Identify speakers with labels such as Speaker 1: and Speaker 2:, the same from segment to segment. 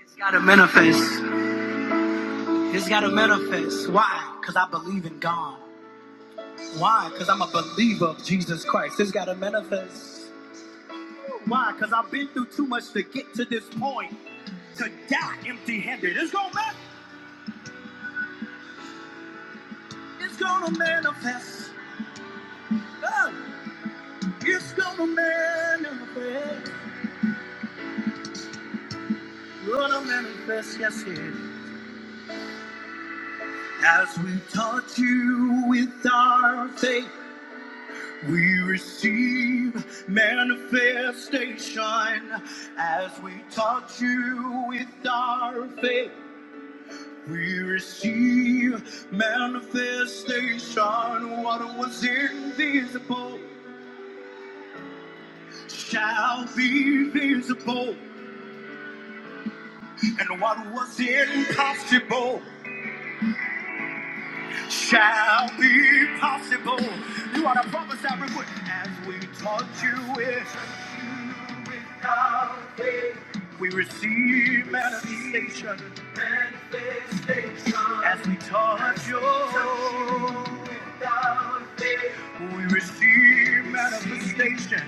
Speaker 1: It's gotta manifest. It's gotta manifest. Why? Because I believe in God. Why? Because I'm a believer of Jesus Christ. It's gotta manifest. Why? Because I've been through too much to get to this point. To die empty handed. It's gonna manifest. it's gonna manifest. Oh, it's gonna manifest. Gonna manifest, yes it. is. As we touch you with our faith. We receive manifestation as we touch you with our faith. We receive manifestation. What was invisible shall be visible, and what was impossible shall be possible. You are to prophesy real quick as we touch you with. Without faith, we receive manifestation, manifestation as we touch your without faith. We receive manifestation.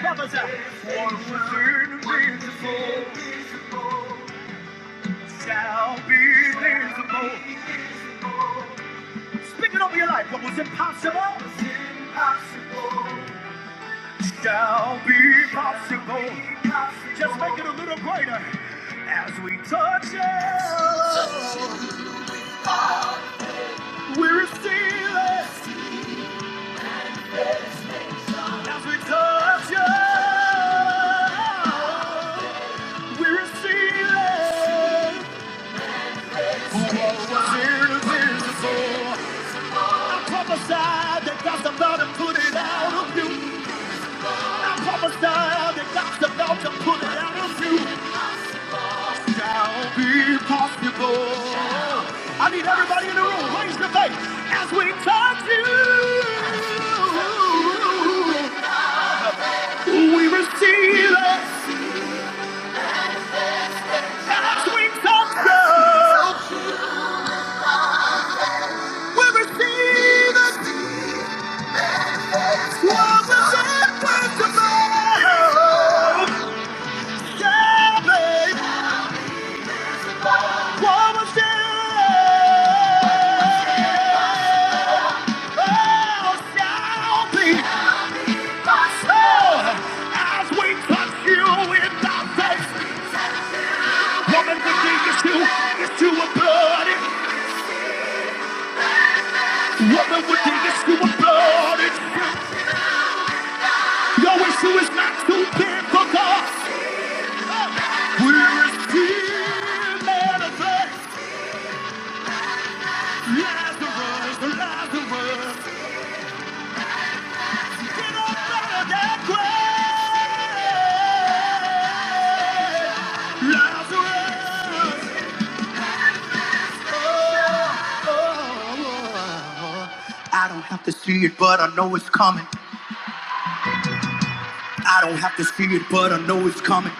Speaker 1: Brothers, what was invisible shall be visible. Speak it over your life. What was impossible shall be possible. Just make it a little greater as we touch you, We receive it as we touch you, We receive it. What was here is visible. I prophesied that God's about to put it out of you. I prophesied that God's about to put it out of you. shall be possible. I need everybody in the room, raise your face as we touch you. We receive it as we touch you. We receive it. It's what was impossible. Yeah, babe. What was said. Oh, shall be my as we touch you in the Woman would dig us to, it's to a bloody. Woman would dig us to a bloody. Your issue is not too big for God. We receive manifest Lazarus, Lazarus. Get out of that grave. Lazarus. I don't have to see it, but I know it's coming. I don't have to see it, but I know it's coming.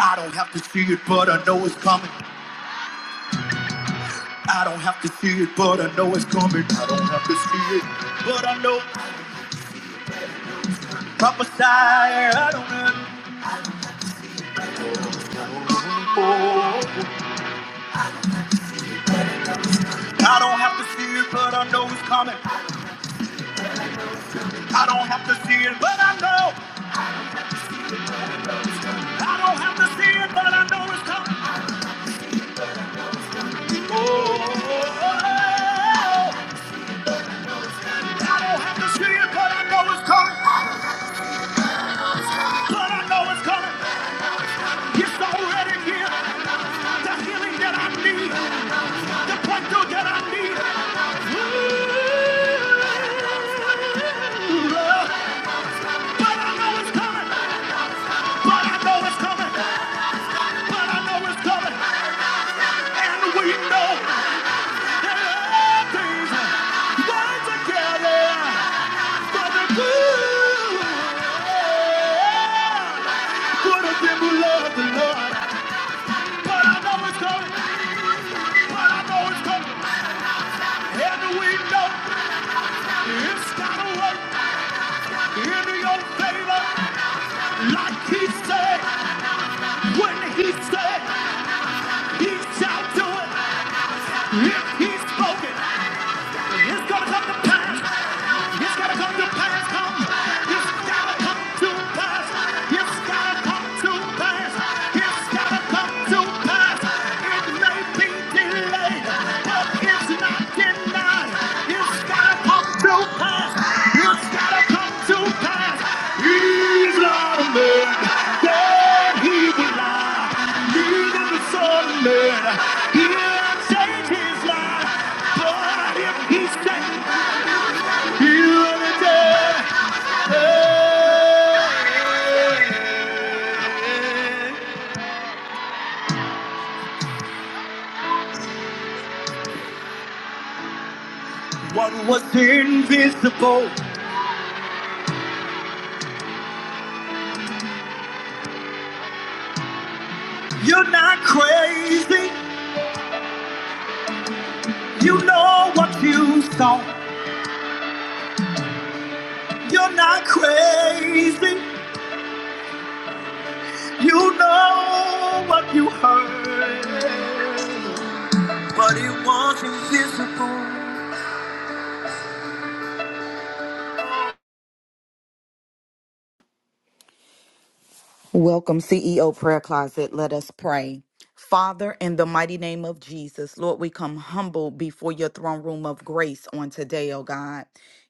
Speaker 1: I don't have to see it, but I know it's coming. I don't have to see it, but I know it's coming. I don't have to see it, but I know. Prophesy, I don't have. Oh, I don't have to see it, but I know it's coming. I don't have to see it, but I know. I don't have to see it, but I know it's coming. oh. I don't have to see it, but I know it's coming. But I know it's coming. It's already here. The healing that I need. The breakthrough that I need. Ooh, Lord. But I know it's coming. But I know it's coming. But I know it's coming, and we know that all things together for the good. Good of them who love the Lord. But I know it's coming, but I know it's coming, and we know it's gotta work in your favor, like He said when He said. He shall do it. he's spoken, it's gonna come to pass. It's gonna come to pass. Come. It's gotta come to pass. It's gotta come to pass. It's gotta come to pass. It may be delayed, but it's not denied. It's it's gotta come to pass. It's gotta come to pass. He's not a man that he will lie. Neither the son of He'll change his life. But if he said he'll return. What was invisible? You're not crazy. You know what you saw. You're not crazy. You know what you heard. What it was invisible.
Speaker 2: Welcome, CEO Prayer Closet. Let us pray. Father, in the mighty name of Jesus, Lord, we come humble before your throne room of grace on today, oh God,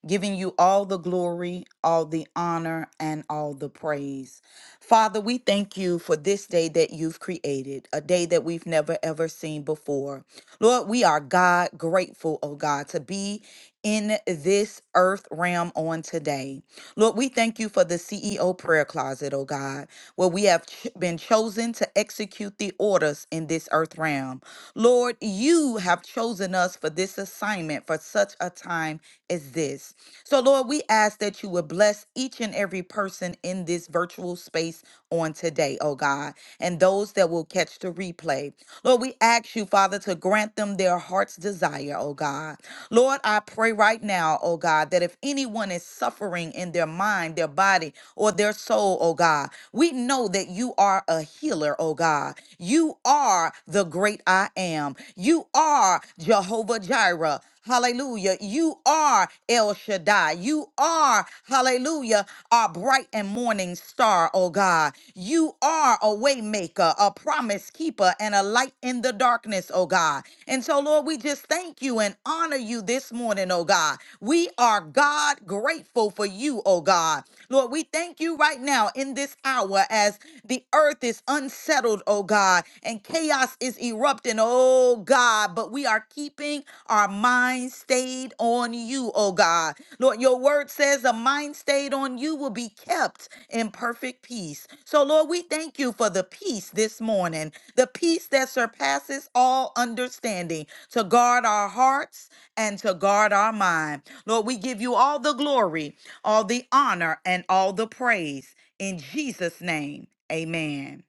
Speaker 2: giving you all the glory, all the honor, and all the praise. Father, we thank you for this day that you've created, a day that we've never ever seen before. Lord, we are God grateful, oh God, to be in this earth realm on today. Lord, we thank you for the CEO prayer closet, oh God, where we have ch- been chosen to execute the orders in this earth realm. Lord, you have chosen us for this assignment for such a time as this. So, Lord, we ask that you would bless each and every person in this virtual space on today, oh God, and those that will catch the replay. Lord, we ask you, Father, to grant them their heart's desire, oh God. Lord, I pray right now, oh God, that if anyone is suffering in their mind, their body, or their soul, oh God, we know that you are a healer, oh God. You are the great I am. You are Jehovah Jireh. Hallelujah. You are El Shaddai. You are, hallelujah, our bright and morning star, oh God. You are a way maker, a promise keeper, and a light in the darkness, oh God. God. And so, Lord, we just thank you and honor you this morning, oh God. We are God grateful for you, oh God. Lord, we thank you right now in this hour as the earth is unsettled, oh God, and chaos is erupting, oh God. But we are keeping our minds stayed on you, oh God. Lord, your word says a mind stayed on you will be kept in perfect peace. So, Lord, we thank you for the peace this morning the peace that surpasses all understanding, to guard our hearts and to guard our mind. Lord, we give you all the glory, all the honor, and all the praise. In Jesus' name, amen.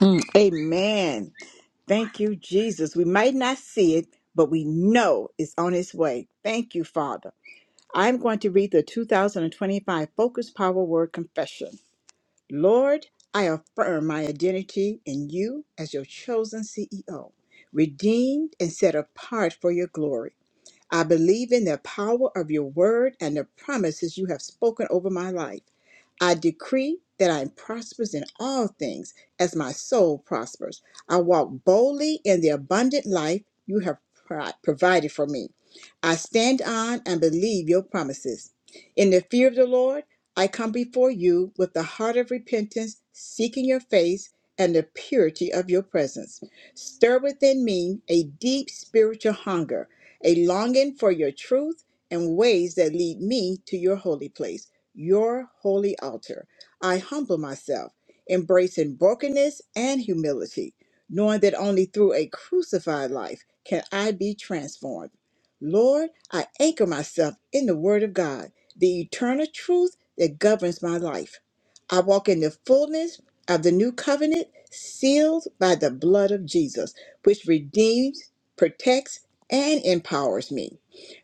Speaker 3: Mm, Amen. Thank you, Jesus. We might not see it, but we know it's on its way. Thank you, Father. I'm going to read the 2025 Focus Power Word Confession. Lord, I affirm my identity in you as your chosen CEO, redeemed and set apart for your glory. I believe in the power of your word and the promises you have spoken over my life. I decree that I am prosperous in all things as my soul prospers. I walk boldly in the abundant life you have pri- provided for me. I stand on and believe your promises. In the fear of the Lord, I come before you with the heart of repentance, seeking your face and the purity of your presence. Stir within me a deep spiritual hunger a longing for your truth and ways that lead me to your holy place, your holy altar. I humble myself, embracing brokenness and humility, knowing that only through a crucified life can I be transformed. Lord, I anchor myself in the Word of God, the eternal truth that governs my life. I walk in the fullness of the new covenant, sealed by the blood of Jesus, which redeems, protects, and empowers me.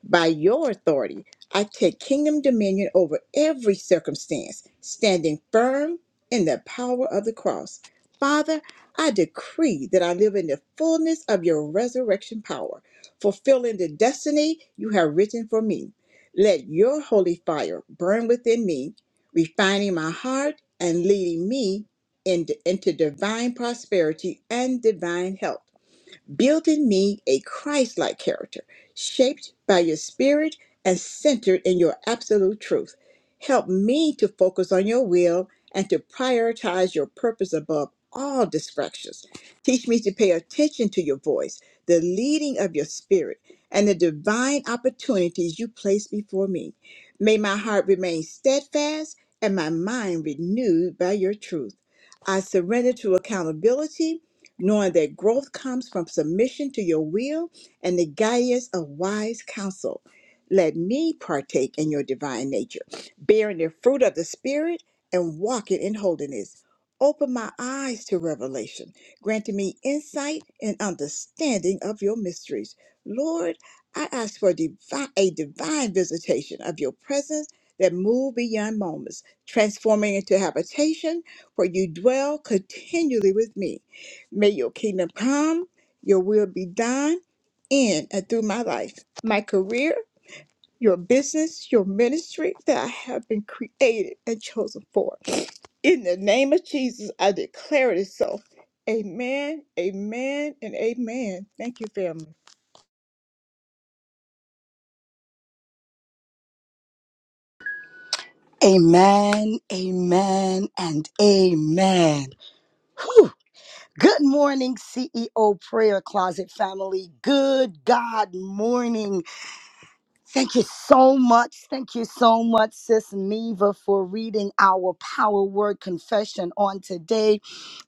Speaker 3: By your authority, I take kingdom dominion over every circumstance, standing firm in the power of the cross. Father, I decree that I live in the fullness of your resurrection power, fulfilling the destiny you have written for me. Let your holy fire burn within me, refining my heart and leading me into, into divine prosperity and divine health. Build in me a Christ like character, shaped by your spirit and centered in your absolute truth. Help me to focus on your will and to prioritize your purpose above all distractions. Teach me to pay attention to your voice, the leading of your spirit, and the divine opportunities you place before me. May my heart remain steadfast and my mind renewed by your truth. I surrender to accountability knowing that growth comes from submission to your will and the guidance of wise counsel. Let me partake in your divine nature, bearing the fruit of the Spirit and walking in holiness. Open my eyes to revelation, granting me insight and understanding of your mysteries. Lord, I ask for divi- a divine visitation of your presence that move beyond moments, transforming into habitation where you dwell continually with me. May your kingdom come, your will be done in and through my life, my career, your business, your ministry that I have been created and chosen for. In the name of Jesus, I declare it so. Amen, amen, and amen. Thank you, family.
Speaker 1: Amen, amen, and amen. Whew. Good morning, CEO Prayer Closet family. Good God morning. Thank you so much. Thank you so much, Sis Neva, for reading our power word confession on today.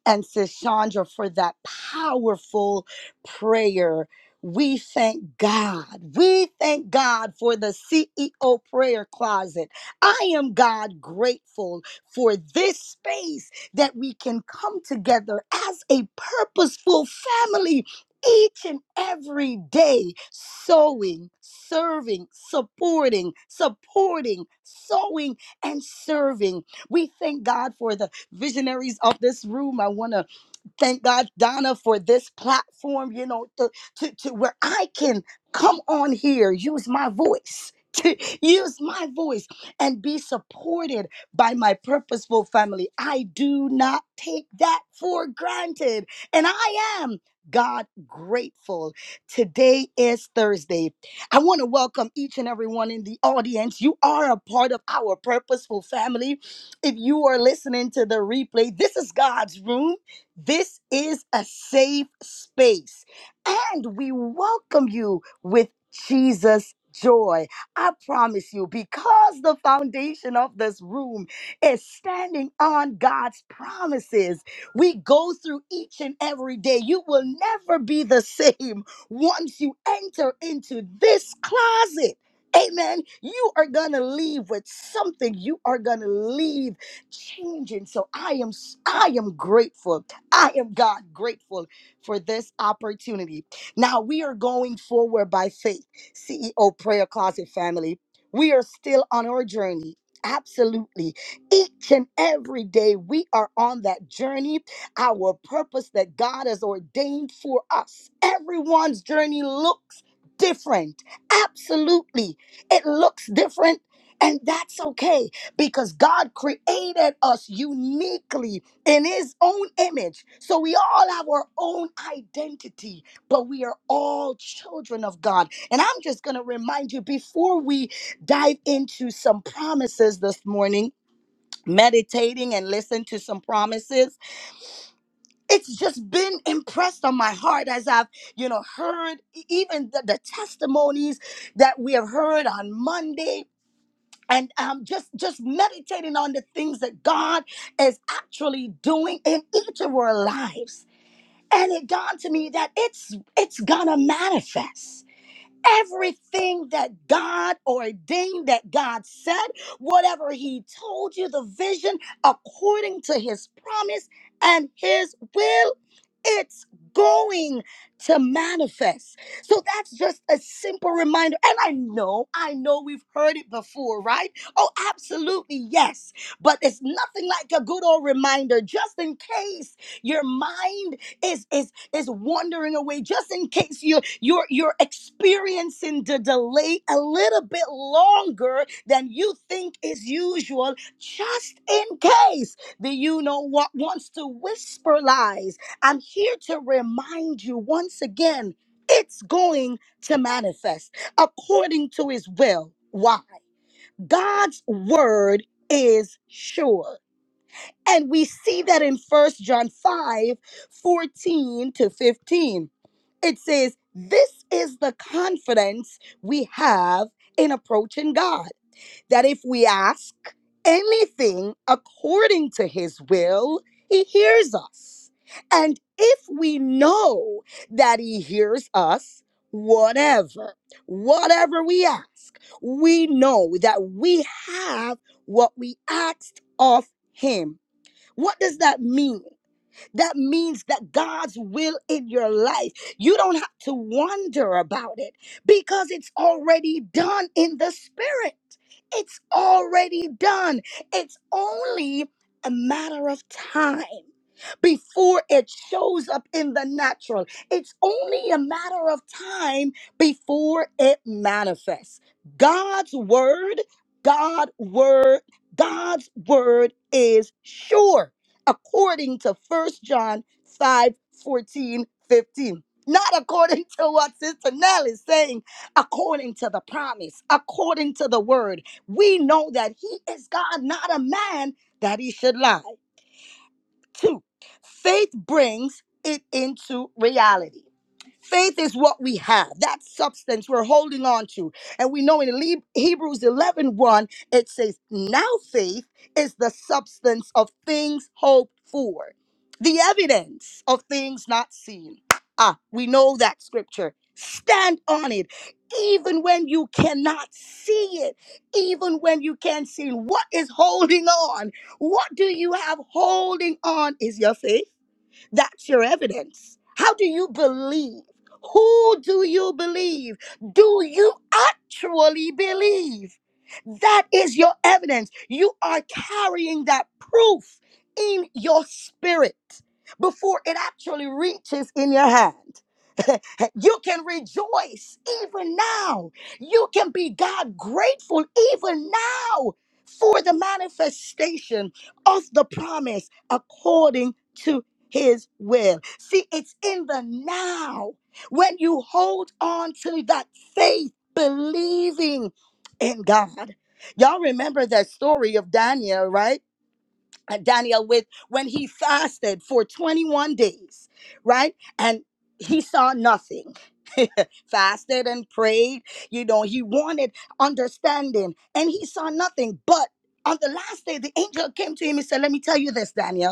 Speaker 1: And Sis Chandra for that powerful prayer. We thank God. We thank God for the CEO prayer closet. I am God grateful for this space that we can come together as a purposeful family each and every day sowing, serving, supporting, supporting, sowing, and serving. We thank God for the visionaries of this room. I want to thank God, Donna, for this platform, you know, to, to, to where I can come on here, use my voice. To use my voice and be supported by my purposeful family. I do not take that for granted. And I am. God grateful. Today is Thursday. I want to welcome each and everyone in the audience. You are a part of our purposeful family. If you are listening to the replay, this is God's room. This is a safe space. And we welcome you with Jesus. Joy, I promise you, because the foundation of this room is standing on God's promises we go through each and every day. You will never be the same once you enter into this closet. Amen. You are going to leave with something. You are going to leave changing. So I am I am grateful. I am God grateful for this opportunity. Now we are going forward by faith. CEO Prayer Closet family. We are still on our journey. Absolutely. Each and every day we are on that journey our purpose that God has ordained for us. Everyone's journey looks different. Absolutely. It looks different. And that's okay because God created us uniquely in His own image. So we all have our own identity, but we are all children of God. And I'm just going to remind you before we dive into some promises this morning, meditating and listen to some promises it's just been impressed on my heart as I've, you know, heard e- even the, the testimonies that we have heard on Monday. And um, just just meditating on the things that God is actually doing in each of our lives, and it dawned to me that it's it's gonna manifest everything that God ordained, that God said, whatever He told you, the vision according to His promise and His will, it's going to manifest. So that's just a simple reminder. And I know, I know we've heard it before, right? Oh, absolutely, yes. But it's nothing like a good old reminder, just in case your mind is is is wandering away, just in case you you you're you're experiencing the delay a little bit longer than you think is usual, just in case the you know what wants to whisper lies. I'm here to remind you once again, it's going to manifest according to his will. Why? God's word is sure. And we see that in First John 5 14 to 15. It says, This is the confidence we have in approaching God that if we ask anything according to his will, he hears us. And if we know that he hears us, whatever, whatever we ask, we know that we have what we asked of him. What does that mean? That means that God's will in your life, you don't have to wonder about it because it's already done in the spirit. It's already done. It's only a matter of time before it shows up in the natural. It's only a matter of time before it manifests. God's word, God word, God's word is sure according to First John 5 14 15, Not according to what Sister Nell is saying, according to the promise, according to the word. We know that He is God, not a man that He should lie. Two, faith brings it into reality. Faith is what we have, that substance we're holding on to. And we know in Le- Hebrews 11 it says, Now faith is the substance of things hoped for, the evidence of things not seen. Ah, we know that scripture. Stand on it, even when you cannot see it, even when you can't see it. What is holding on? What do you have holding on? Is your faith? That's your evidence. How do you believe? Who do you believe? Do you actually believe? That is your evidence. You are carrying that proof in your spirit before it actually reaches in your hand. you can rejoice even now. You can be God grateful even now for the manifestation of the promise according to his will. See, it's in the now when you hold on to that faith, believing in God. Y'all remember that story of Daniel, right? And Daniel with when he fasted for 21 days, right? And he saw nothing. fasted and prayed, you know, he wanted understanding and he saw nothing. But on the last day, the angel came to him and said, Let me tell you this, Daniel.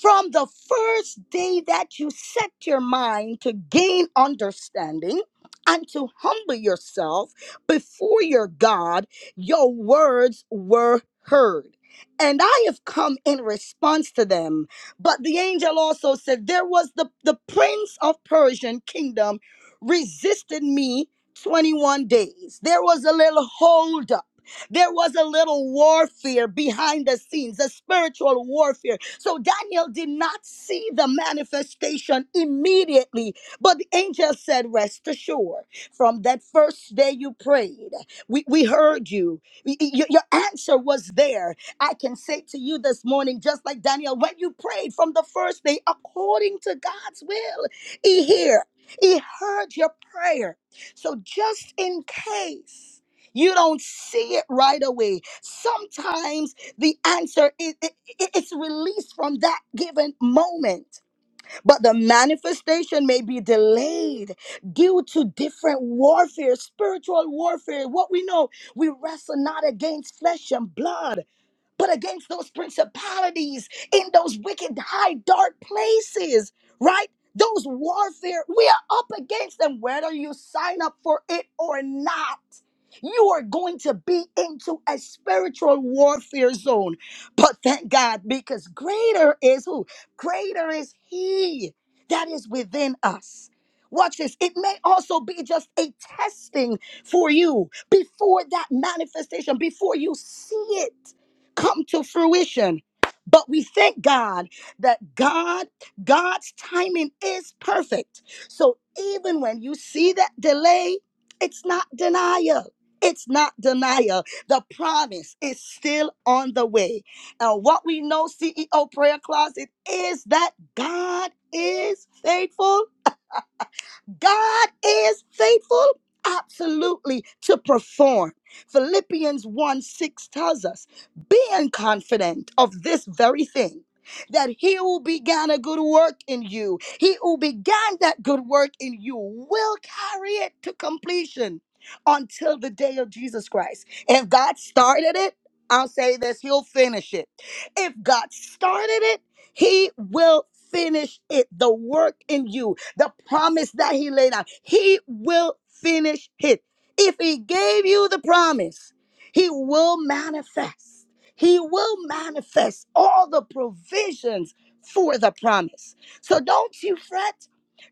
Speaker 1: From the first day that you set your mind to gain understanding and to humble yourself before your God, your words were heard. And I have come in response to them. But the angel also said, There was the, the prince of Persian kingdom resisted me 21 days. There was a little holdup. There was a little warfare behind the scenes, a spiritual warfare. So Daniel did not see the manifestation immediately, but the angel said, Rest assured, from that first day you prayed, we, we heard you. Y- y- Your your answer was there. I can say to you this morning, just like Daniel, when you prayed from the first day, according to God's will, He hear, He heard your prayer. So just in case you don't see it right away, sometimes the answer is it's released from that given moment but the manifestation may be delayed due to different warfare, spiritual warfare. What we know, we wrestle not against flesh and blood, but against those principalities in those wicked high dark places, right? Those warfare, we are up against them, whether you sign up for it or not. You are going to be into a spiritual warfare zone. But thank God, because greater is who? Greater is He that is within us. Watch this. It may also be just a testing for you before that manifestation, before you see it come to fruition. But we thank God that God, God's timing is perfect. So even when you see that delay, it's not denial. It's not denial. The promise is still on the way uh, what we know, CEO prayer closet, is that God is faithful. God is faithful, absolutely, to perform. Philippians 1 6 tells us, being confident of this very thing. That he who began a good work in you, he who began that good work in you will carry it to completion until the day of Jesus Christ. If God started it, I'll say this, he'll finish it. If God started it, he will finish it. The work in you, the promise that he laid out, he will finish it. If he gave you the promise, he will manifest. He will manifest all the provisions for the promise. So don't you fret.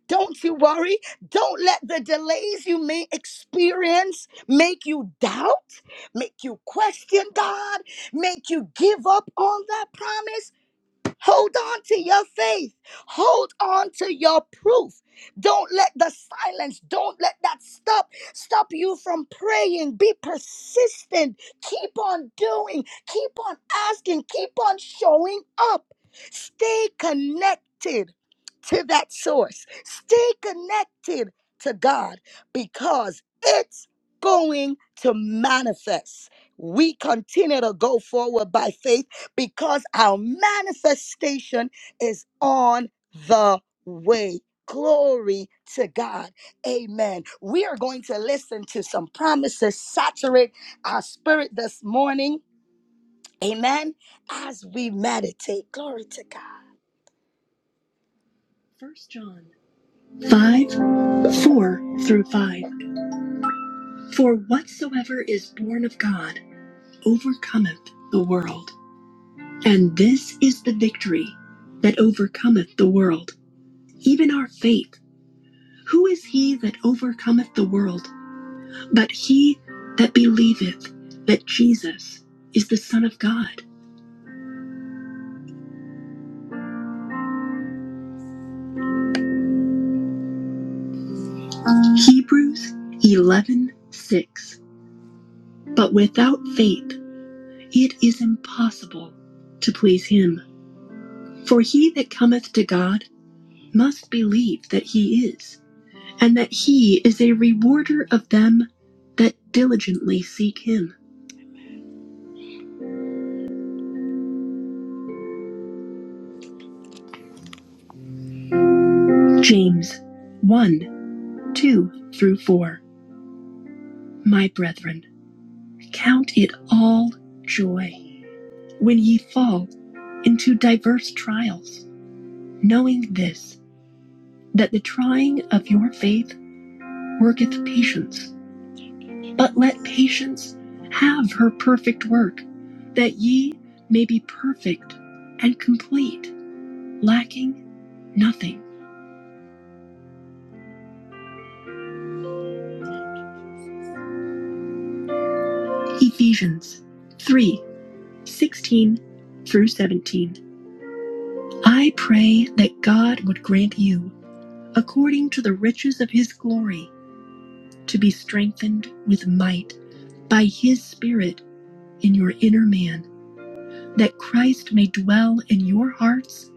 Speaker 1: Don't you worry. Don't let the delays you may experience make you doubt, make you question God, make you give up on that promise. Hold on to your faith. Hold on to your proof. Don't let the silence, don't let that stop stop you from praying. Be persistent. Keep on doing. Keep on asking. Keep on showing up. Stay connected to that source. Stay connected to God because it's going to manifest. We continue to go forward by faith because our manifestation is on the way. Glory to God. Amen. We are going to listen to some promises, saturate our spirit this morning. Amen. As we meditate. Glory to God. First John 5, 4 through 5. For whatsoever is born of God overcometh the world. And this is the victory that overcometh the world even our faith. Who is he that overcometh the world but he that believeth that Jesus is the Son of God? Hebrews 11 6. But without faith it is impossible to please him. For he that cometh to God must believe that he is, and that he is a rewarder of them that diligently seek him. James 1 2 through 4. My brethren, Count it all joy when ye fall into diverse trials, knowing this, that the trying of your faith worketh patience. But let patience have her perfect work, that ye may be perfect and complete, lacking nothing. Ephesians 3:16 through 17. I pray that God would grant you, according to the riches of his glory, to be strengthened with might by his Spirit in your inner man, that Christ may dwell in your hearts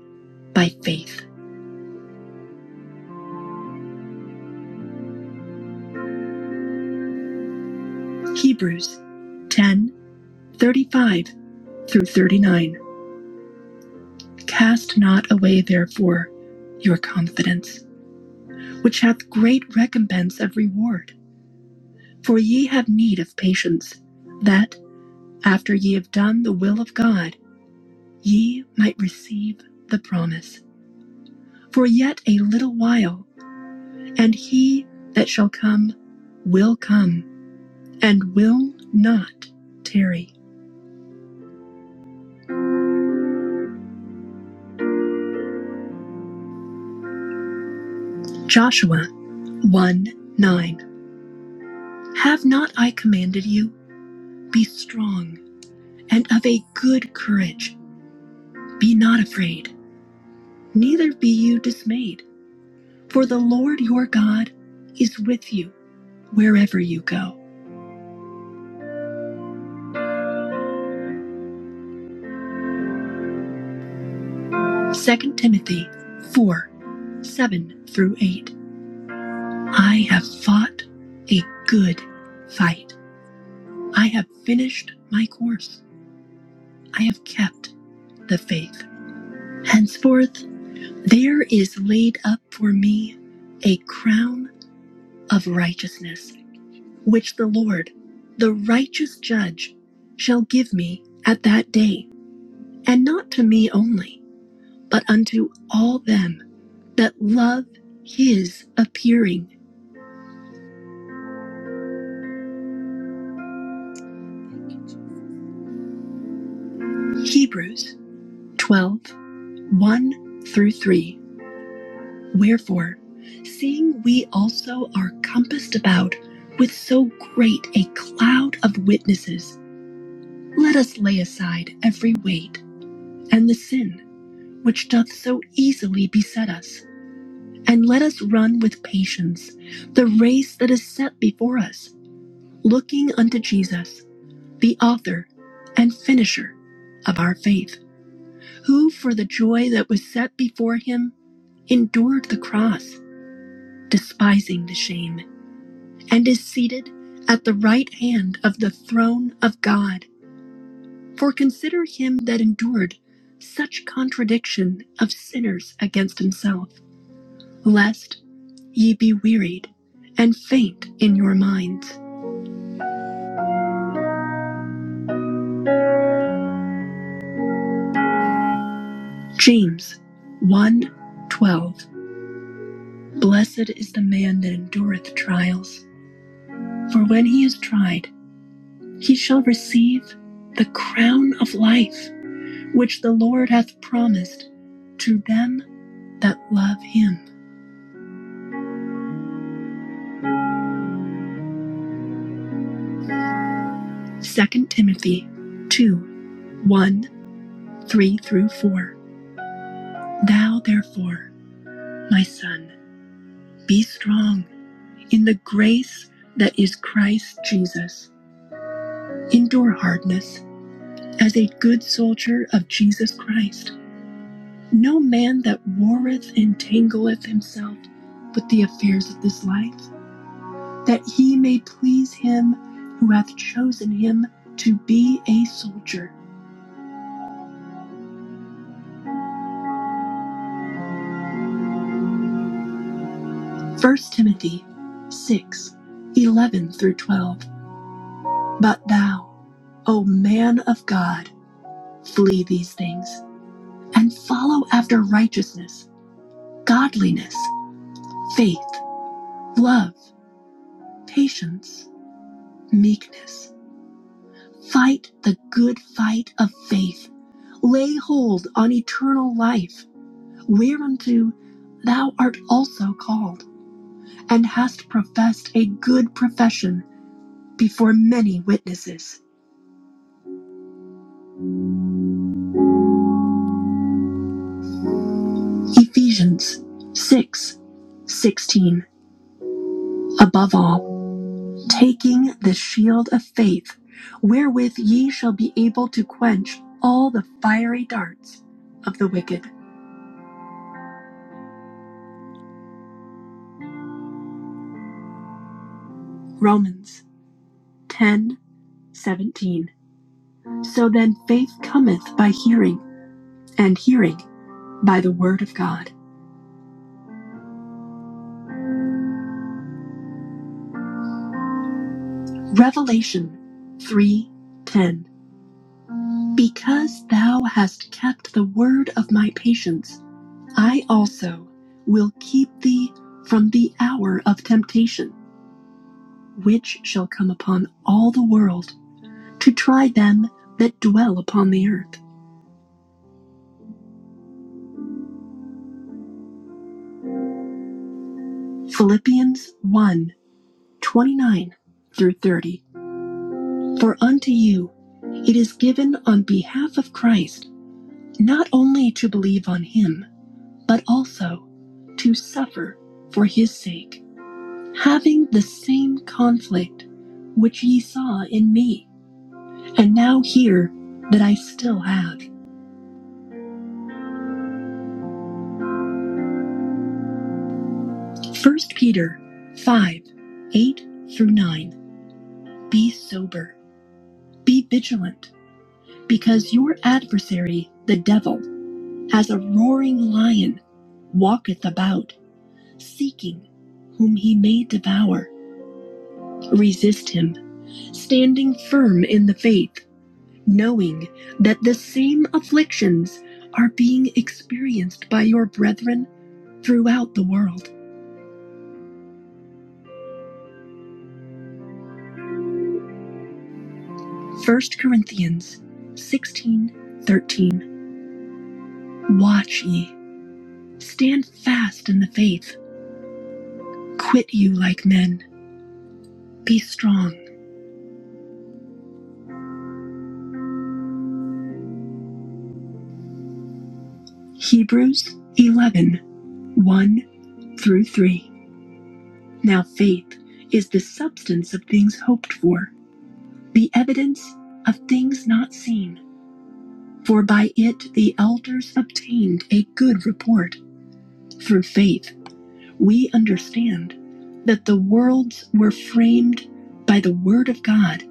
Speaker 1: by faith. Hebrews 10:35 through 39. Cast not away, therefore, your confidence, which hath great recompense of reward. For ye have need of patience, that, after ye have done the will of God, ye might receive the promise. For yet a little while, And he that shall come will come, and will not tarry. Joshua 1 9. Have not I commanded you? Be strong and of a good courage. Be not afraid, neither be you dismayed. For the Lord your God is with you wherever you go. Second Timothy 4 7 through 8. I have fought a good fight. I have finished my course. I have kept the faith. Henceforth, there is laid up for me a crown of righteousness, which the Lord, the righteous judge, shall give me at that day, and not to me only, but unto all them that love his appearing. Hebrews 12 one through 3. Wherefore, seeing we also are compassed about with so great a cloud of witnesses, let us lay aside every weight and the sin which doth so easily beset us, and let us run with patience the race that is set before us, looking unto Jesus, the author and finisher of our faith, who for the joy that was set before him endured the cross, despising the shame and is seated at the right hand of the throne of God. For consider him that endured such contradiction of sinners against himself, lest ye be wearied and faint in your minds. James one, 12. Blessed is the man that endureth trials, for when he is tried, he shall receive the crown of life which the Lord hath promised to them that love him. Second Timothy two, one, three through 4. Thou therefore, my son, be strong in the grace that is Christ Jesus. Endure hardness as a good soldier of Jesus Christ. No man that warreth entangleth himself with the affairs of this life, that he may please him who hath chosen him to be a soldier. First Timothy 6, 11 through 12. But thou, O man of God, flee these things, and follow after righteousness, godliness, faith, love, patience, meekness. Fight the good fight of faith. Lay hold on eternal life, whereunto thou art also called, and hast professed a good profession before many witnesses. Ephesians 6:16. Above all, taking the shield of faith, wherewith ye shall be able to quench all the fiery darts of the wicked. Romans 10:17. So then faith cometh by hearing, and hearing by the word of God. Revelation 3:10. Because thou hast kept the word of my patience I also will keep thee from the hour of temptation, which shall come upon all the world to try them that dwell upon the earth. Philippians one 29 through 30. For unto you it is given on behalf of Christ not only to believe on him, but also to suffer for his sake, having the same conflict which ye saw in me and now hear that I still have. First Peter 5 8 through 9. Be sober, be vigilant, because your adversary, the devil, as a roaring lion, walketh about, seeking whom he may devour. Resist him, standing firm in the faith, knowing that the same afflictions are being experienced by your brethren throughout the world. First Corinthians 16 13. Watch ye, stand fast in the faith, quit you like men, be strong. Hebrews eleven one through 3. Now faith is the substance of things hoped for, the evidence of things not seen. For by it the elders obtained a good report. Through faith, we understand that the worlds were framed by the Word of God,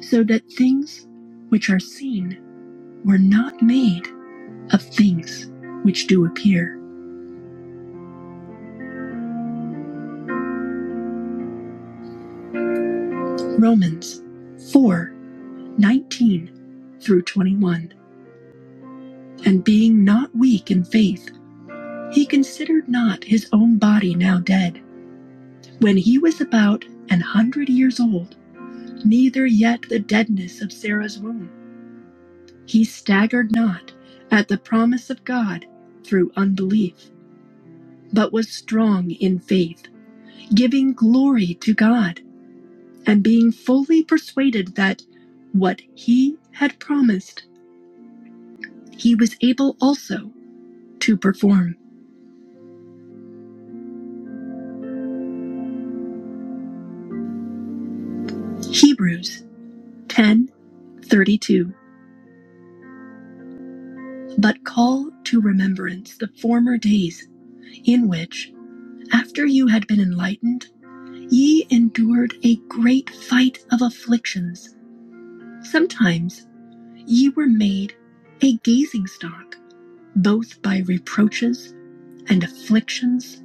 Speaker 1: so that things which are seen were not made of things which do appear. Romans 4:19 through 21. And being not weak in faith, he considered not his own body now dead, when he was about an hundred years old, neither yet the deadness of Sarah's womb. He staggered not at the promise of God through unbelief, but was strong in faith, giving glory to God, and being fully persuaded that what he had promised, he was able also to perform. Hebrews 10:32. But call to remembrance the former days in which, after you had been enlightened, ye endured a great fight of afflictions, sometimes ye were made a gazing stock, both by reproaches and afflictions,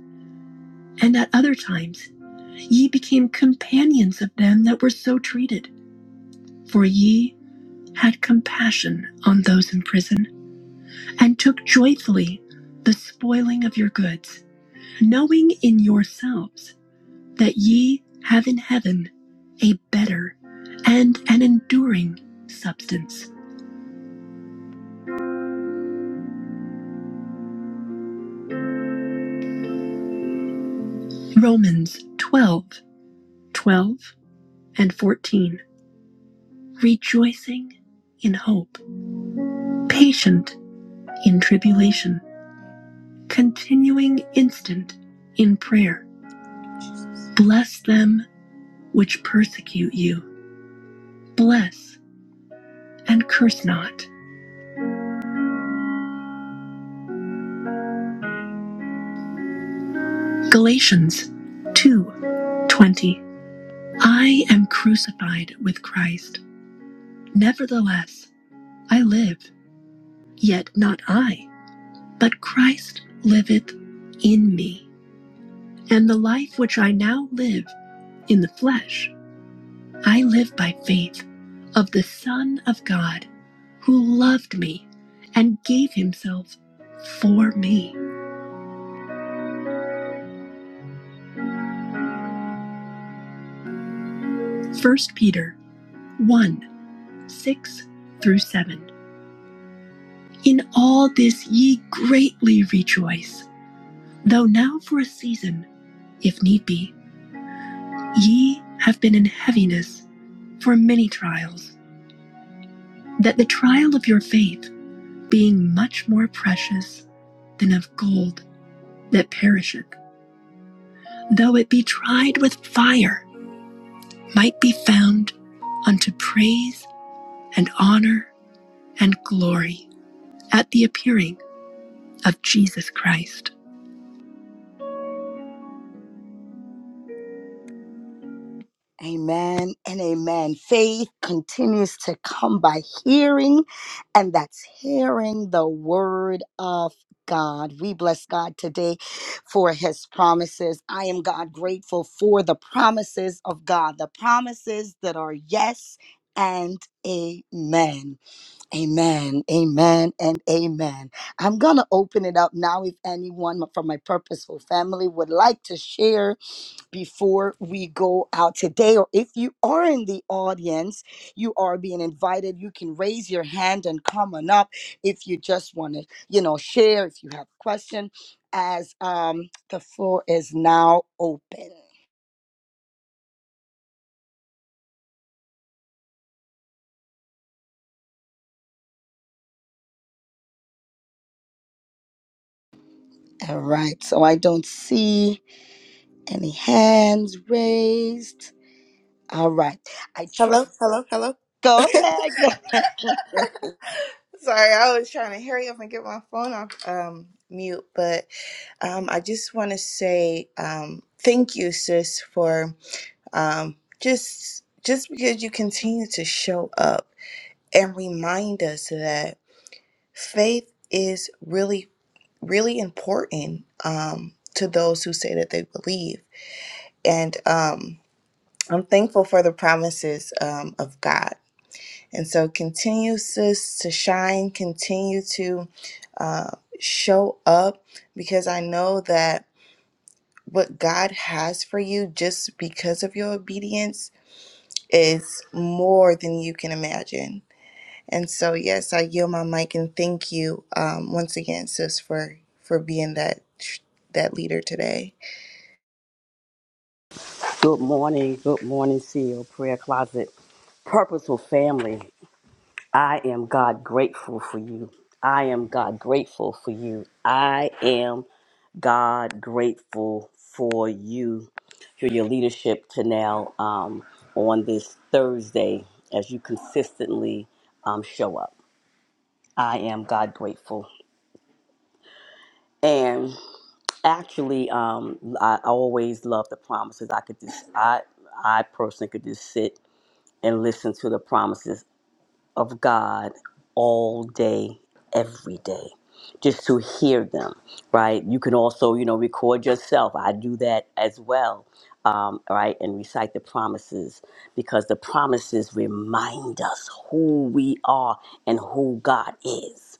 Speaker 1: and at other times ye became companions of them that were so treated. For ye had compassion on those in prison, and took joyfully the spoiling of your goods, knowing in yourselves that ye have in heaven a better and an enduring substance. Romans 12, 12, and 14. rejoicing in hope, patient in tribulation, continuing instant in prayer. Bless them which persecute you. Bless and curse not. Galatians two, twenty. I am crucified with Christ. Nevertheless, I live, yet not I, but Christ liveth in me. And the life which I now live in the flesh, I live by faith of the Son of God who loved me and gave himself for me. First Peter 1 6 through 7. In all this ye greatly rejoice, though now for a season, if need be, ye have been in heaviness for many trials, that the trial of your faith, being much more precious than of gold that perisheth, though it be tried with fire, might be found unto praise and honor and glory at the appearing of Jesus Christ. Amen and amen. Faith continues to come by hearing, and that's hearing the word of God. We bless God today for his promises. I am God grateful for the promises of God, the promises that are yes and amen. Amen, amen, and amen. I'm going to open it up now if anyone from my purposeful family would like to share before we go out today, or if you are in the audience, you are being invited. You can raise your hand and come on up if you just want to, you know, share, if you have a question, as um, the floor is now open. All right, so I don't see any hands raised. All right. I trust.
Speaker 4: Hello, hello, hello.
Speaker 1: Go ahead. Go ahead.
Speaker 4: Sorry, I was trying to hurry up and get my phone off um, mute, but um, I just want to say um, thank you, sis, for um, just just because you continue to show up and remind us that faith is really really important um, to those who say that they believe. And um, I'm thankful for the promises um, of God. And so continue, sis, to shine, continue to uh, show up because I know that what God has for you just because of your obedience is more than you can imagine. And so, yes, I yield my mic and thank you um, once again, sis, for for being that that leader today.
Speaker 5: Good morning. Good morning, CEO Prayer Closet. Purposeful family, I am God grateful for you. I am God grateful for you. I am God grateful for you, for your leadership to now um, on this Thursday as you consistently um, show up. I am God grateful. And actually, um, I always love the promises. I could just, I, I personally could just sit and listen to the promises of God all day, every day, just to hear them, right? You can also, you know, record yourself. I do that as well, um, right? And recite the promises because the promises remind us who we are and who God is.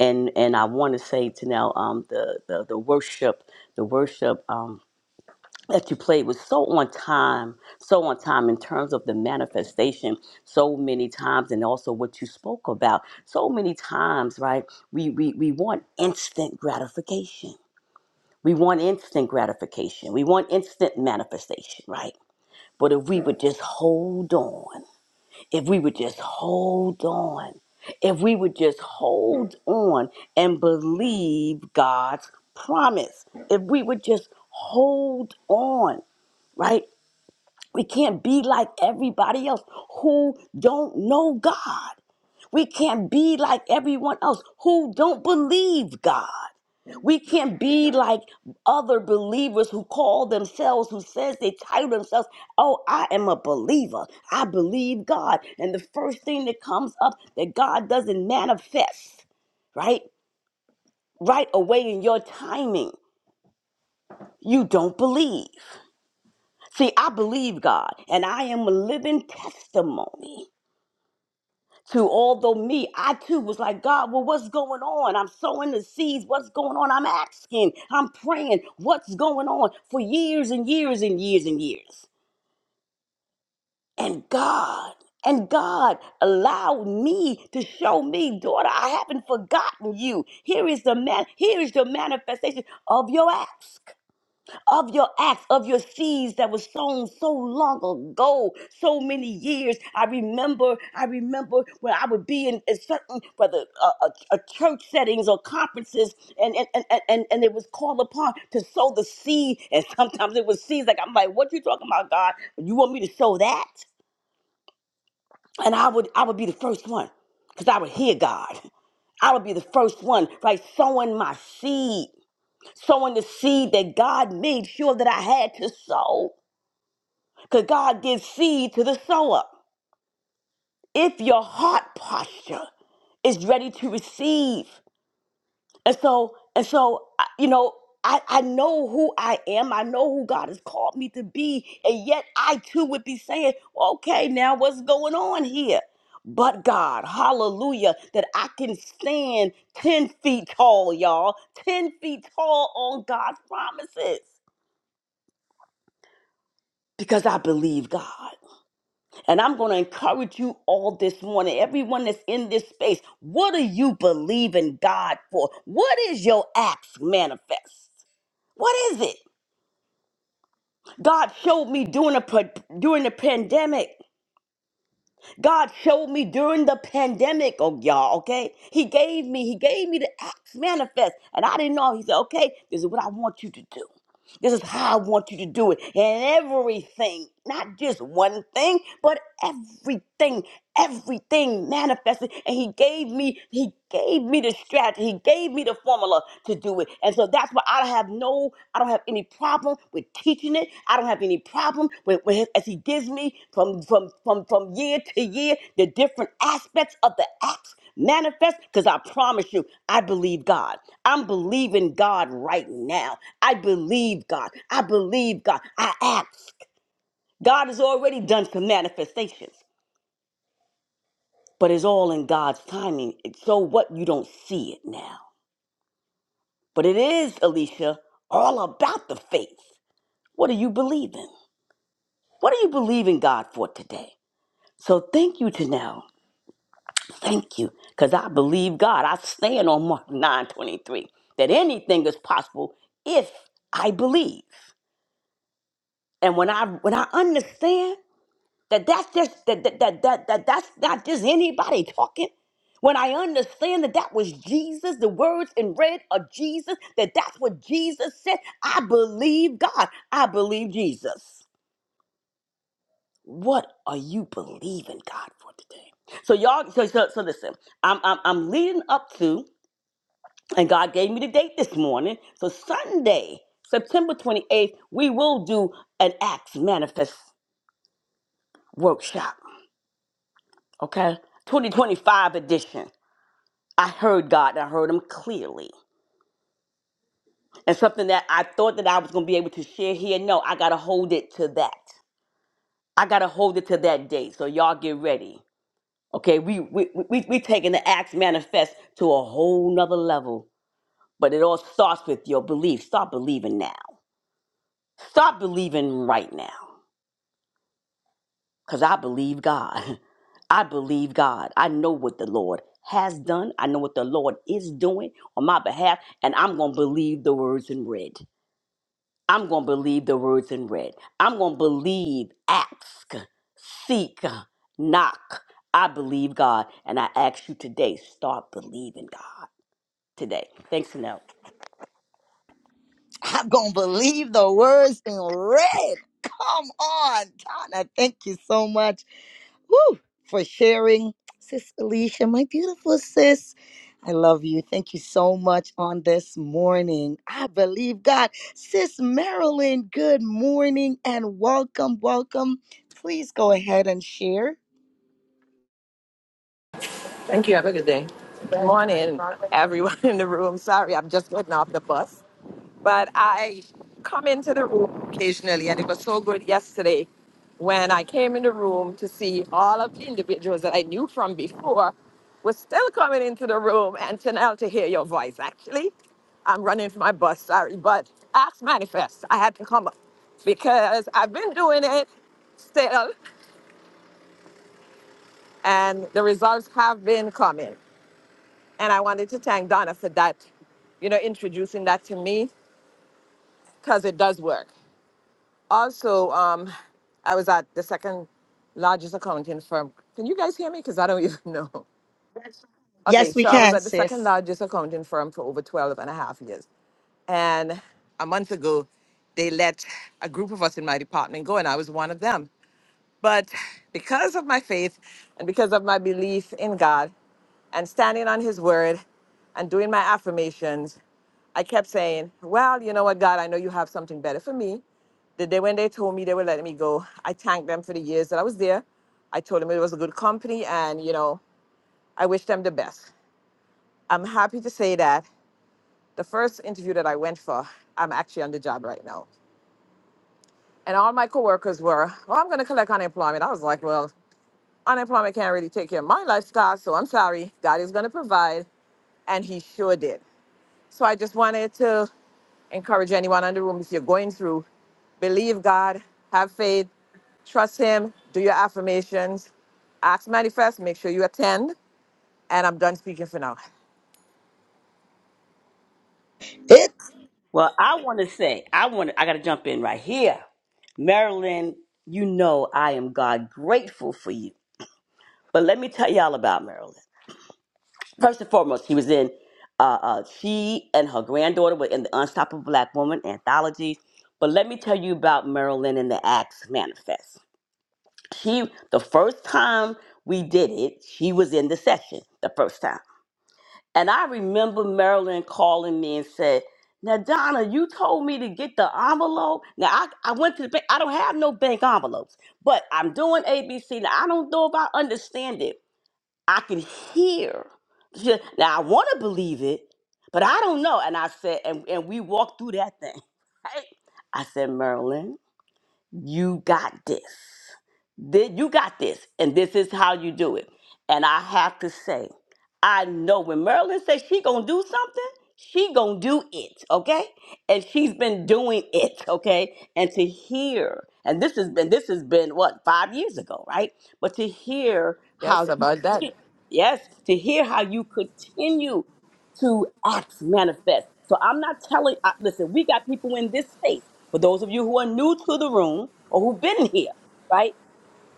Speaker 5: And and I want to say to now um, the, the the worship, the worship. um, that you played was so on time, so on time in terms of the manifestation, so many times, and also what you spoke about. So many times, right? We we we want instant gratification. We want instant gratification. We want instant manifestation, right? But if we would just hold on, if we would just hold on, if we would just hold on and believe God's promise, if we would just hold on, right? We can't be like everybody else who don't know God. We can't be like everyone else who don't believe God. We can't be like other believers who call themselves, who says they title themselves, oh, I am a believer. I believe God. And the first thing that comes up that God doesn't manifest, right? Right away in your timing, you don't believe. See, I believe God, and I am a living testimony to although me, I too was like, God, well, what's going on? I'm sowing the seeds. What's going on? I'm asking, I'm praying, what's going on for years and years and years and years. And God, and God allowed me to show me, daughter, I haven't forgotten you. Here is the man, here is the manifestation of your ask of your acts, of your seeds that was sown so long ago, so many years. I remember, I remember when I would be in, in certain, whether uh, uh, uh, church settings or conferences, and and, and, and and it was called upon to sow the seed. And sometimes it was seeds like, I'm like, what you talking about, God? You want me to sow that? And I would, I would be the first one because I would hear God. I would be the first one, like sowing my seed, sowing the seed that God made sure that I had to sow. Because God gives seed to the sower if your heart posture is ready to receive. And so, and so, I- you know, I, I know who I am. I know who God has called me to be. And yet I too would be saying, okay, now what's going on here? But God, hallelujah, that I can stand 10 feet tall, y'all, 10 feet tall on God's promises because I believe God. And I'm going to encourage you all this morning, everyone that's in this space. What do you believe in God for? What is your acts manifest? What is it? God showed me during the pa- during the pandemic. God showed me during the pandemic, oh y'all, okay? He gave me, he gave me the acts manifest. And I didn't know. He said, okay, this is what I want you to do. This is how I want you to do it. And everything, not just one thing, but everything, everything manifested. And he gave me, he gave me the strategy. He gave me the formula to do it. And so that's why I don't have no, I don't have any problem with teaching it. I don't have any problem with, with his, as he gives me from from from from year to year the different aspects of the acts manifest because I promise you, I believe God. I'm believing God right now. I believe God. I believe God. I ask. God has already done some manifestations, but it's all in God's timing. So what? You don't see it now. But it is, Alicia, all about the faith. What are you believing? What are you believing God for today? So thank you, Janelle. Thank you. Because I believe God. I stand on Mark 9 23 that anything is possible if I believe. And when I when I understand that that's just that that, that, that, that that's not just anybody talking. When I understand that that was Jesus, the words in red are Jesus, that that's what Jesus said, I believe God. I believe Jesus. What are you believing God for today? So y'all, so so, so listen, I'm, I'm I'm leading up to And God gave me the date this morning. So Sunday, September 28th, we will do an Acts Manifest workshop. Okay? 2025 edition. I heard God. and I heard him clearly. And something that I thought that I was going to be able to share here, no, I got to hold it to that. I got to hold it to that date. So y'all get ready. Okay? We we we we taking the Acts Manifest to a whole nother level. But it all starts with your belief. Start believing now. Start believing right now. because I believe God. I believe God. I know what the Lord has done. I know what the Lord is doing on my behalf, and I'm going to believe the words in red. I'm going to believe the words in red. I'm going to believe, ask, seek, knock. I believe God, and I ask you today, start believing God today. Thanks, Chanel.
Speaker 1: I'm going to believe the words in red. Come on, Donna. Thank you so much. Woo! For sharing, Sis Alicia, my beautiful sis. I love you. Thank you so much on this morning. I believe God. Sis Marilyn, good morning and welcome, welcome. Please go ahead and share.
Speaker 6: Thank you. Have a good day. Good morning, everyone in the room. Sorry, I'm just getting off the bus. But I come into the room occasionally, and it was so good yesterday when I came in the room to see all of the individuals that I knew from before were still coming into the room, and to now to hear your voice. Actually, I'm running for my bus. Sorry, but ask manifest. I had to come up because I've been doing it still, and the results have been coming. And I wanted to thank Donna for that, you know, introducing that to me because it does work. Also, um, I was at the second largest accounting firm. Can you guys hear me? Because I don't even know. Okay,
Speaker 1: Yes, we
Speaker 6: so I was
Speaker 1: can,
Speaker 6: at the second
Speaker 1: sis.
Speaker 6: largest accounting firm for over 12 and a half years. And a month ago, they let a group of us in my department go, and I was one of them. But because of my faith and because of my belief in God and standing on His word and doing my affirmations, I kept saying, Well, you know what, God, I know you have something better for me. The day when they told me they were letting me go, I thanked them for the years that I was there. I told them it was a good company and, you know, I wish them the best. I'm happy to say that the first interview that I went for, I'm actually on the job right now. And all my coworkers were, Well, I'm going to collect unemployment. I was like, Well, unemployment can't really take care of my lifestyle, so I'm sorry. God is going to provide. And He sure did. So I just wanted to encourage anyone in the room if you're going through, believe God, have faith, trust Him, do your affirmations, ask manifest, make sure you attend. And I'm done speaking for now.
Speaker 1: It
Speaker 5: Well, I want to say, I want, to I got to jump in right here, Marilyn. You know, I am God grateful for you But let me tell y'all about Marilyn. First and foremost, she was in, uh, uh, she and her granddaughter were in the Unstoppable Black Woman anthology. But let me tell you about Marilyn and the Acts Manifest. She, the first time we did it, she was in the session the first time. And I remember Marilyn calling me and said, now, Donna, you told me to get the envelope. Now, I, I went to the bank. I don't have no bank envelopes, but I'm doing ABC. Now, I don't know if I understand it. I can hear. She- said, Now I want to believe it, but I don't know. And I said, and, and we walked through that thing. Right? I said, Marilyn, you got this. Th- You got this. And this is how you do it. And I have to say, I know when Merlin says she gonna do something, she gonna do it, okay? And she's been doing it, okay? And to hear, and this has been this has been what, five years ago, right? But to hear how
Speaker 6: Yes,
Speaker 5: you
Speaker 6: about that.
Speaker 5: conti- yes, to hear how you continue to act manifest. So I'm not telling I, listen, we got people in this space for those of you who are new to the room or who've been here, right?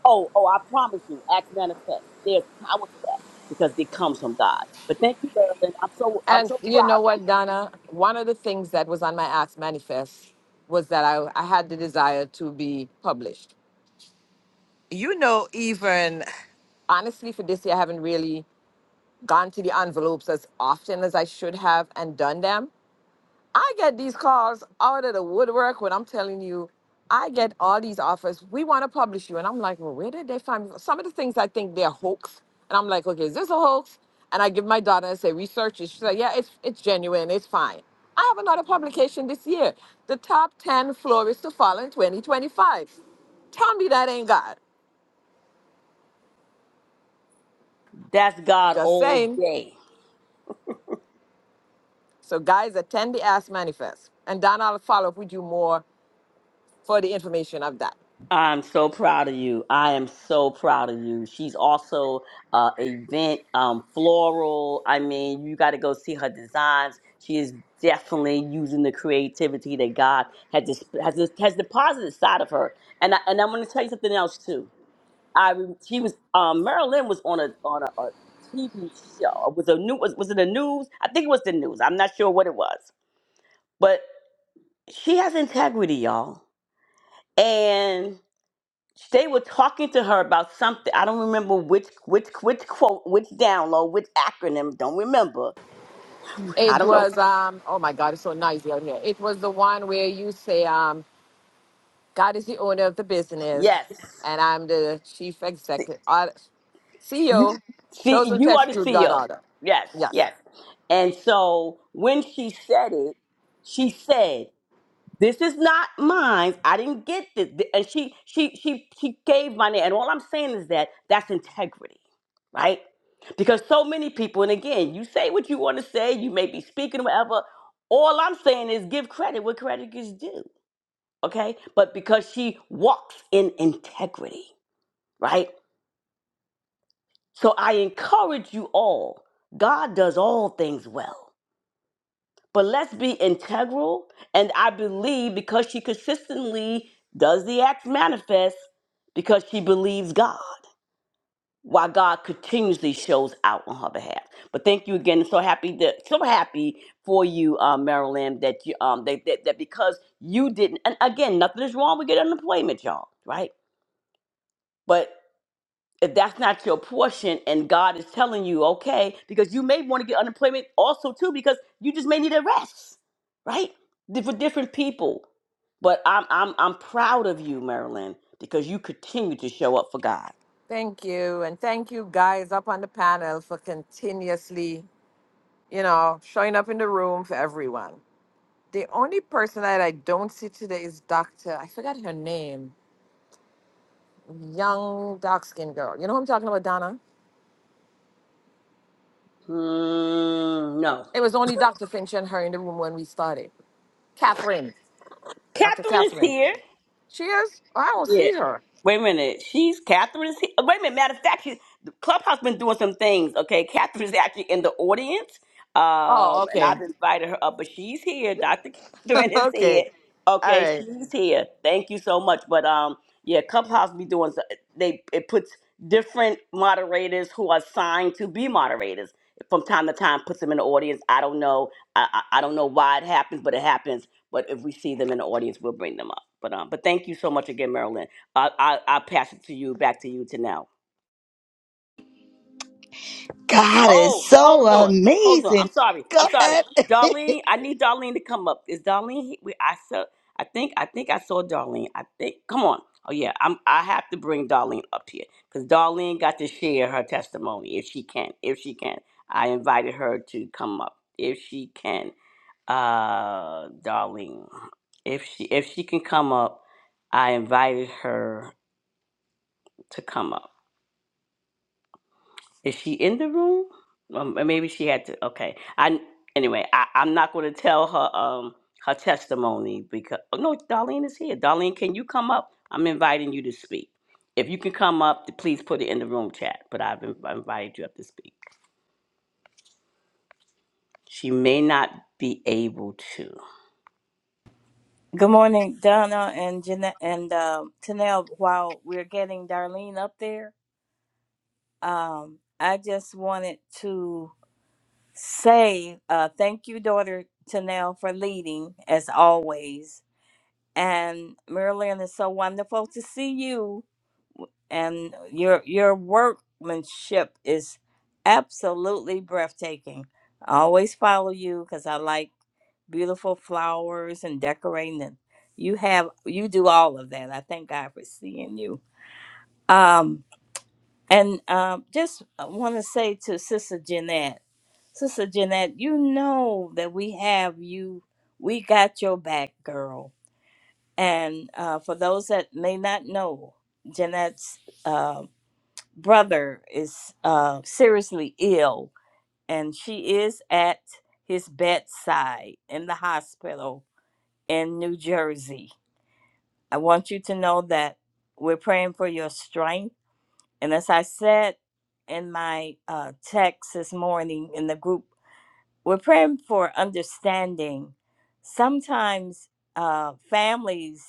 Speaker 5: Oh, oh, I promise you, act manifest. There's power to that because it comes from God. But thank you, Marilyn. I'm so I'm
Speaker 6: And
Speaker 5: so
Speaker 6: you
Speaker 5: proud
Speaker 6: know
Speaker 5: of you.
Speaker 6: what, Donna? One of the things that was on my Ask Manifest was that I, I had the desire to be published. You know, even honestly, for this year, I haven't really gone to the envelopes as often as I should have and done them. I get these calls out of the woodwork when I'm telling you, I get all these offers. We want to publish you. And I'm like, well, where did they find me? Some of the things I think they're hoax. And I'm like, okay, is this a hoax? And I give my daughter and say, research it. She's like, yeah, it's, it's genuine. It's fine. I have another publication this year, the top 10 florists to follow in 2025. Tell me that ain't God.
Speaker 5: That's God
Speaker 6: Just
Speaker 5: all
Speaker 6: saying.
Speaker 5: day.
Speaker 6: So guys, attend the Ask Manifest. And Donna, I'll follow up with you more for the information of that.
Speaker 5: I'm so proud of you. I am so proud of you. She's also uh event um floral. I mean, you got to go see her designs. She is definitely using the creativity that God has dis- has has deposited inside of her. And I, and I'm going to tell you something else too I rem- he was um Marilyn was on a on a, TV show. It was a new was, was it the news? I think it was the news. I'm not sure what it was. But she has integrity, y'all. And they were talking to her about something. I don't remember which which which quote, which download, which acronym. Don't remember. I
Speaker 6: It
Speaker 5: don't know.
Speaker 6: was um oh my god, it's so noisy out here. It was the one where you say um God is the owner of the business
Speaker 5: Yes.
Speaker 6: and I'm the chief executive uh,
Speaker 5: You
Speaker 6: CEO
Speaker 5: see
Speaker 6: chosen to
Speaker 5: you are the
Speaker 6: execute God
Speaker 5: CEO.
Speaker 6: order.
Speaker 5: Yes,
Speaker 6: Yes.
Speaker 5: yes. And so when she said it, she said This is not mine. I didn't get this. Th- And she she she she gave my name. And all I'm saying is that that's integrity, right? Because so many people, and again, you say what you want to say, you may be speaking whatever. All I'm saying is give credit where credit is due. Okay? But because she walks in integrity, right? So I encourage you all, God does all things well. but let's be integral. And I believe because she consistently does the acts manifest because she believes God, while God continuously shows out on her behalf. But thank you again. So happy that so happy for you, uh, Marilyn, that you um that, that that because you didn't. And again, nothing is wrong with getting unemployment, y'all. Right? But if that's not your portion and God is telling you, okay, because you may want to get unemployment also too, because you just may need a rest, right? Di- For different people. But I'm I'm I'm proud of you, Marilyn, because you continue to show up for God.
Speaker 6: Thank you and thank you guys up on the panel for continuously, you know, showing up in the room for everyone. The only person that I don't see today is Dr. I forgot her name. Young dark skinned girl. You know who I'm talking about, Donna?
Speaker 5: Hmm, no.
Speaker 6: It was only Dr. Finch and her in the room when we started. Catherine, Dr.
Speaker 5: Catherine is
Speaker 6: Catherine.
Speaker 5: here.
Speaker 6: She is? I don't
Speaker 5: Yeah.
Speaker 6: see her.
Speaker 5: Wait a minute. She's Catherine's. He- Wait a minute. Matter of fact, she, the Clubhouse been doing some things. Okay, Catherine's actually in the audience,
Speaker 6: Oh,
Speaker 5: um, and
Speaker 6: okay.
Speaker 5: I've invited her up, but she's here. Dr. Catherine is here.
Speaker 6: okay. All
Speaker 5: Okay,
Speaker 6: right.
Speaker 5: she's here. Thank you so much. But um, yeah, Clubhouse be doing. so- They it puts different moderators who are assigned to be moderators from time to time puts them in the audience. I don't know. I I, I don't know why it happens, but it happens but if we see them in the audience, we'll bring them up. But um, but thank you so much again, Marilyn. I I I pass it to you, back to you to now.
Speaker 1: God
Speaker 5: Oh,
Speaker 1: is so
Speaker 5: hold on, hold on. I'm
Speaker 1: amazing.
Speaker 5: sorry,
Speaker 1: Go
Speaker 5: I'm sorry,
Speaker 1: ahead.
Speaker 5: Darlene. I need Darlene to come up. Is Darlene? he- We I saw. I think I think I saw Darlene. I think. Come on. Oh yeah, I'm. I have to bring Darlene up here because Darlene got to share her testimony if she can. If she can, I invited her to come up if she can. uh Darlene. If she if she can come up, I invited her to come up. Is she in the room? Um, or maybe she had to. Okay. I anyway. I, I'm not going to tell her um her testimony because oh, no, Darlene is here. Darlene, can you come up? I'm inviting you to speak. If you can come up, please put it in the room chat. But I've inv- invited you up to speak. She may not be able to.
Speaker 7: Good morning, Donna and Jeanette and uh, Tanel. While we're getting Darlene up there, um, I just wanted to say uh, thank you, daughter Tanel, for leading as always. And Marilyn, it's so wonderful to see you. And your your workmanship is absolutely breathtaking. I always follow you because I like beautiful flowers and decorating and you have you do all of that i thank god for seeing you um and um just want to say to sister jeanette sister jeanette you know that we have you we got your back girl and uh, for those that may not know jeanette's uh, brother is uh, seriously ill and she is at his bedside in the hospital in New Jersey. I want you to know that we're praying for your strength. And as I said in my uh, text this morning in the group, we're praying for understanding. Sometimes uh, families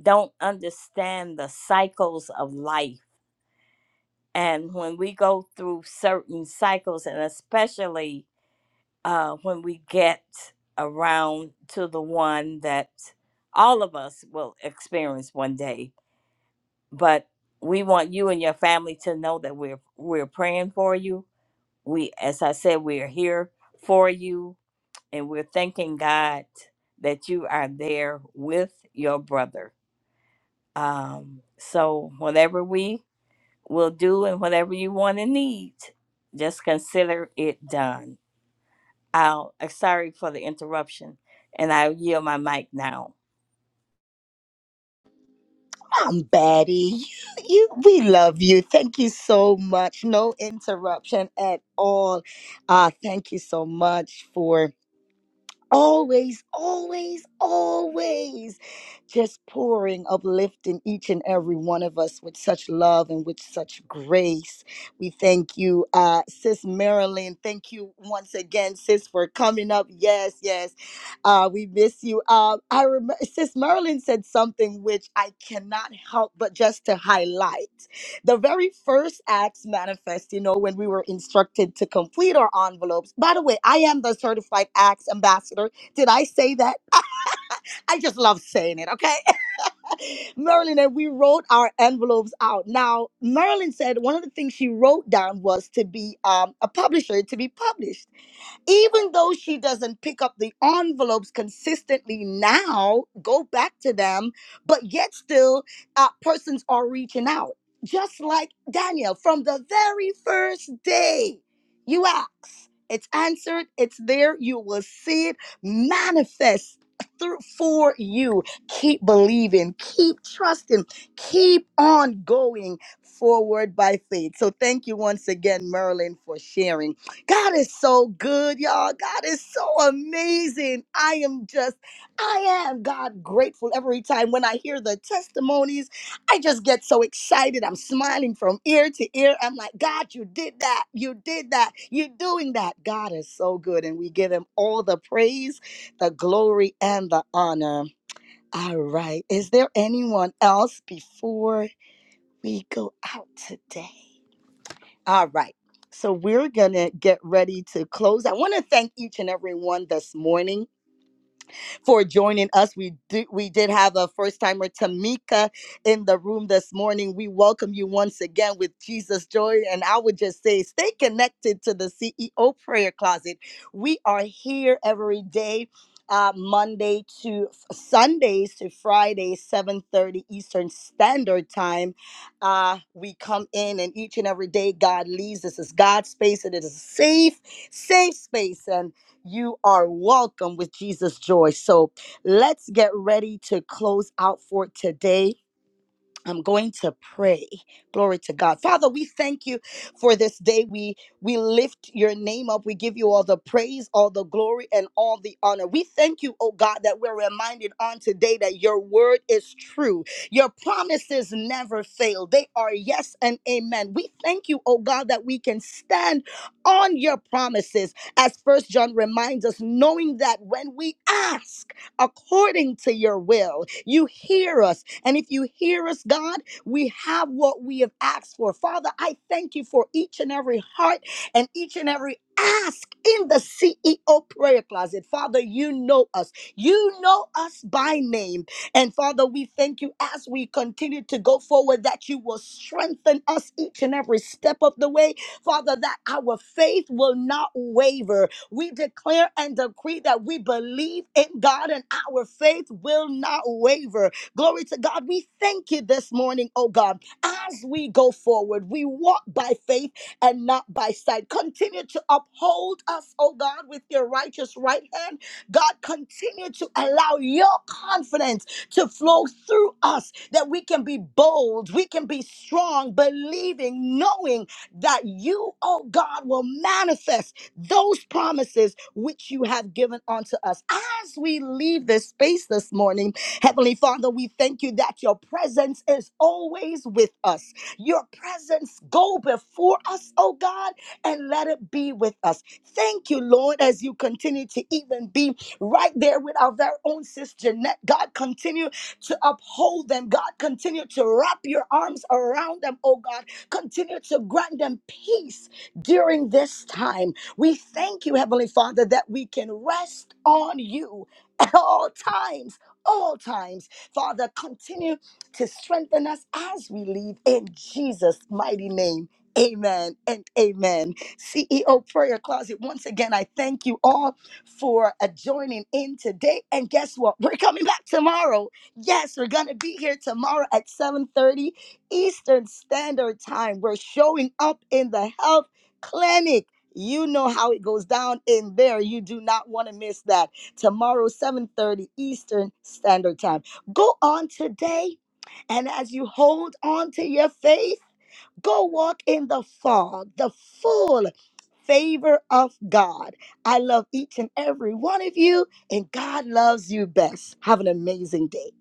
Speaker 7: don't understand the cycles of life. And when we go through certain cycles, and especially uh, when we get around to the one that all of us will experience one day. But we want you and your family to know that we're we're praying for you. We, as I said, we are here for you, and we're thanking God that you are there with your brother. Um, so whatever we will do and whatever you want and need, just consider it done. I'll, uh, sorry for the interruption, and i yield my mic now.
Speaker 1: I'm Betty. You, you, we love you. Thank you so much. No interruption at all. Uh, thank you so much for always, always, always just pouring, uplifting each and every one of us with such love and with such grace. We thank you, uh, Sis Marilyn. Thank you once again, Sis, for coming up. Yes, yes. Uh, we miss you. Um, I remember Sis Marilyn said something which I cannot help but just to highlight the very first acts manifest you know when we were instructed to complete our envelopes by the way i am the certified acts ambassador did i say that i, just love saying it okay merlin and we wrote our envelopes out now merlin said one of the things she wrote down was to be um, a publisher to be published even though she doesn't pick up the envelopes consistently now, go back to them, but yet still, uh, persons are reaching out. Just like Daniel, from the very first day, you ask, it's answered, it's there, you will see it manifest through for you. Keep believing, keep trusting, keep on going forward by faith. So thank you once again, Merlin, for sharing. God is so good, y'all. God is so amazing. I am just, I am God grateful every time when I hear the testimonies. I just get so excited. I'm smiling from ear to ear. I'm like, God, you did that. You did that. You're doing that. God is so good. And we give him all the praise, the glory, and the honor. All right. Is there anyone else before we go out today? All right. So we're going to get ready to close. I want to thank each and every one this morning for joining us. We do, we did have a first timer, Tamika, in the room this morning. We welcome you once again with Jesus Joy. And I would just say, stay connected to the CEO Prayer Closet. We are here every day. Uh, Monday to Sundays to Fridays, 7:30 Eastern Standard Time. Uh, we come in and each and every day God leads. This is God's space and it is a safe, safe space. and. You are welcome with Jesus Joy. So let's get ready to close out for today. I'm going to pray. Glory to God. Father, we thank you for this day. We we lift your name up. We give you all the praise, all the glory, and all the honor. We thank you, oh God, that we're reminded on today that your word is true. Your promises never fail. They are yes and amen. We thank you, oh God, that we can stand on your promises. As first John reminds us, knowing that when we ask, according to your will. You hear us. And if you hear us, God, we have what we have asked for. Father, I thank you for each and every heart and each and every ask in the CEO prayer closet. Father, you know us. You know us by name. And Father, we thank you as we continue to go forward that you will strengthen us each and every step of the way Father, that our faith will not waver. We declare and decree that we believe in God and our faith will not waver. Glory to God. We thank you this morning, oh God. As we go forward, we walk by faith and not by sight. Continue to uphold us, oh God, with your righteous right hand God, continue to allow your confidence to flow through us that we can be bold, we can be strong, believing, knowing that you, oh God, will manifest those promises which you have given unto us. As we leave this this space this morning. Heavenly Father, we thank you that your presence is always with us. Your presence go before us, oh God, and let it be with us. Thank you, Lord, as you continue to even be right there with our very own sis Jeanette. God, continue to uphold them. God, continue to wrap your arms around them, oh God. Continue to grant them peace during this time. We thank you, Heavenly Father, that we can rest on you all times, all times. Father, continue to strengthen us as we live in Jesus' mighty name. Amen and amen. CEO Prayer Closet, once again, I thank you all for uh, joining in today. And guess what? We're coming back tomorrow. Yes, we're going to be here tomorrow at 7.30 Eastern Standard Time. We're showing up in the health clinic. You know how it goes down in there. You do not want to miss that tomorrow 7:30 Eastern Standard Time. Go on today and as you hold on to your faith, go walk in the fog, the full favor of God. I love each and every one of you and God loves you best. Have an amazing day.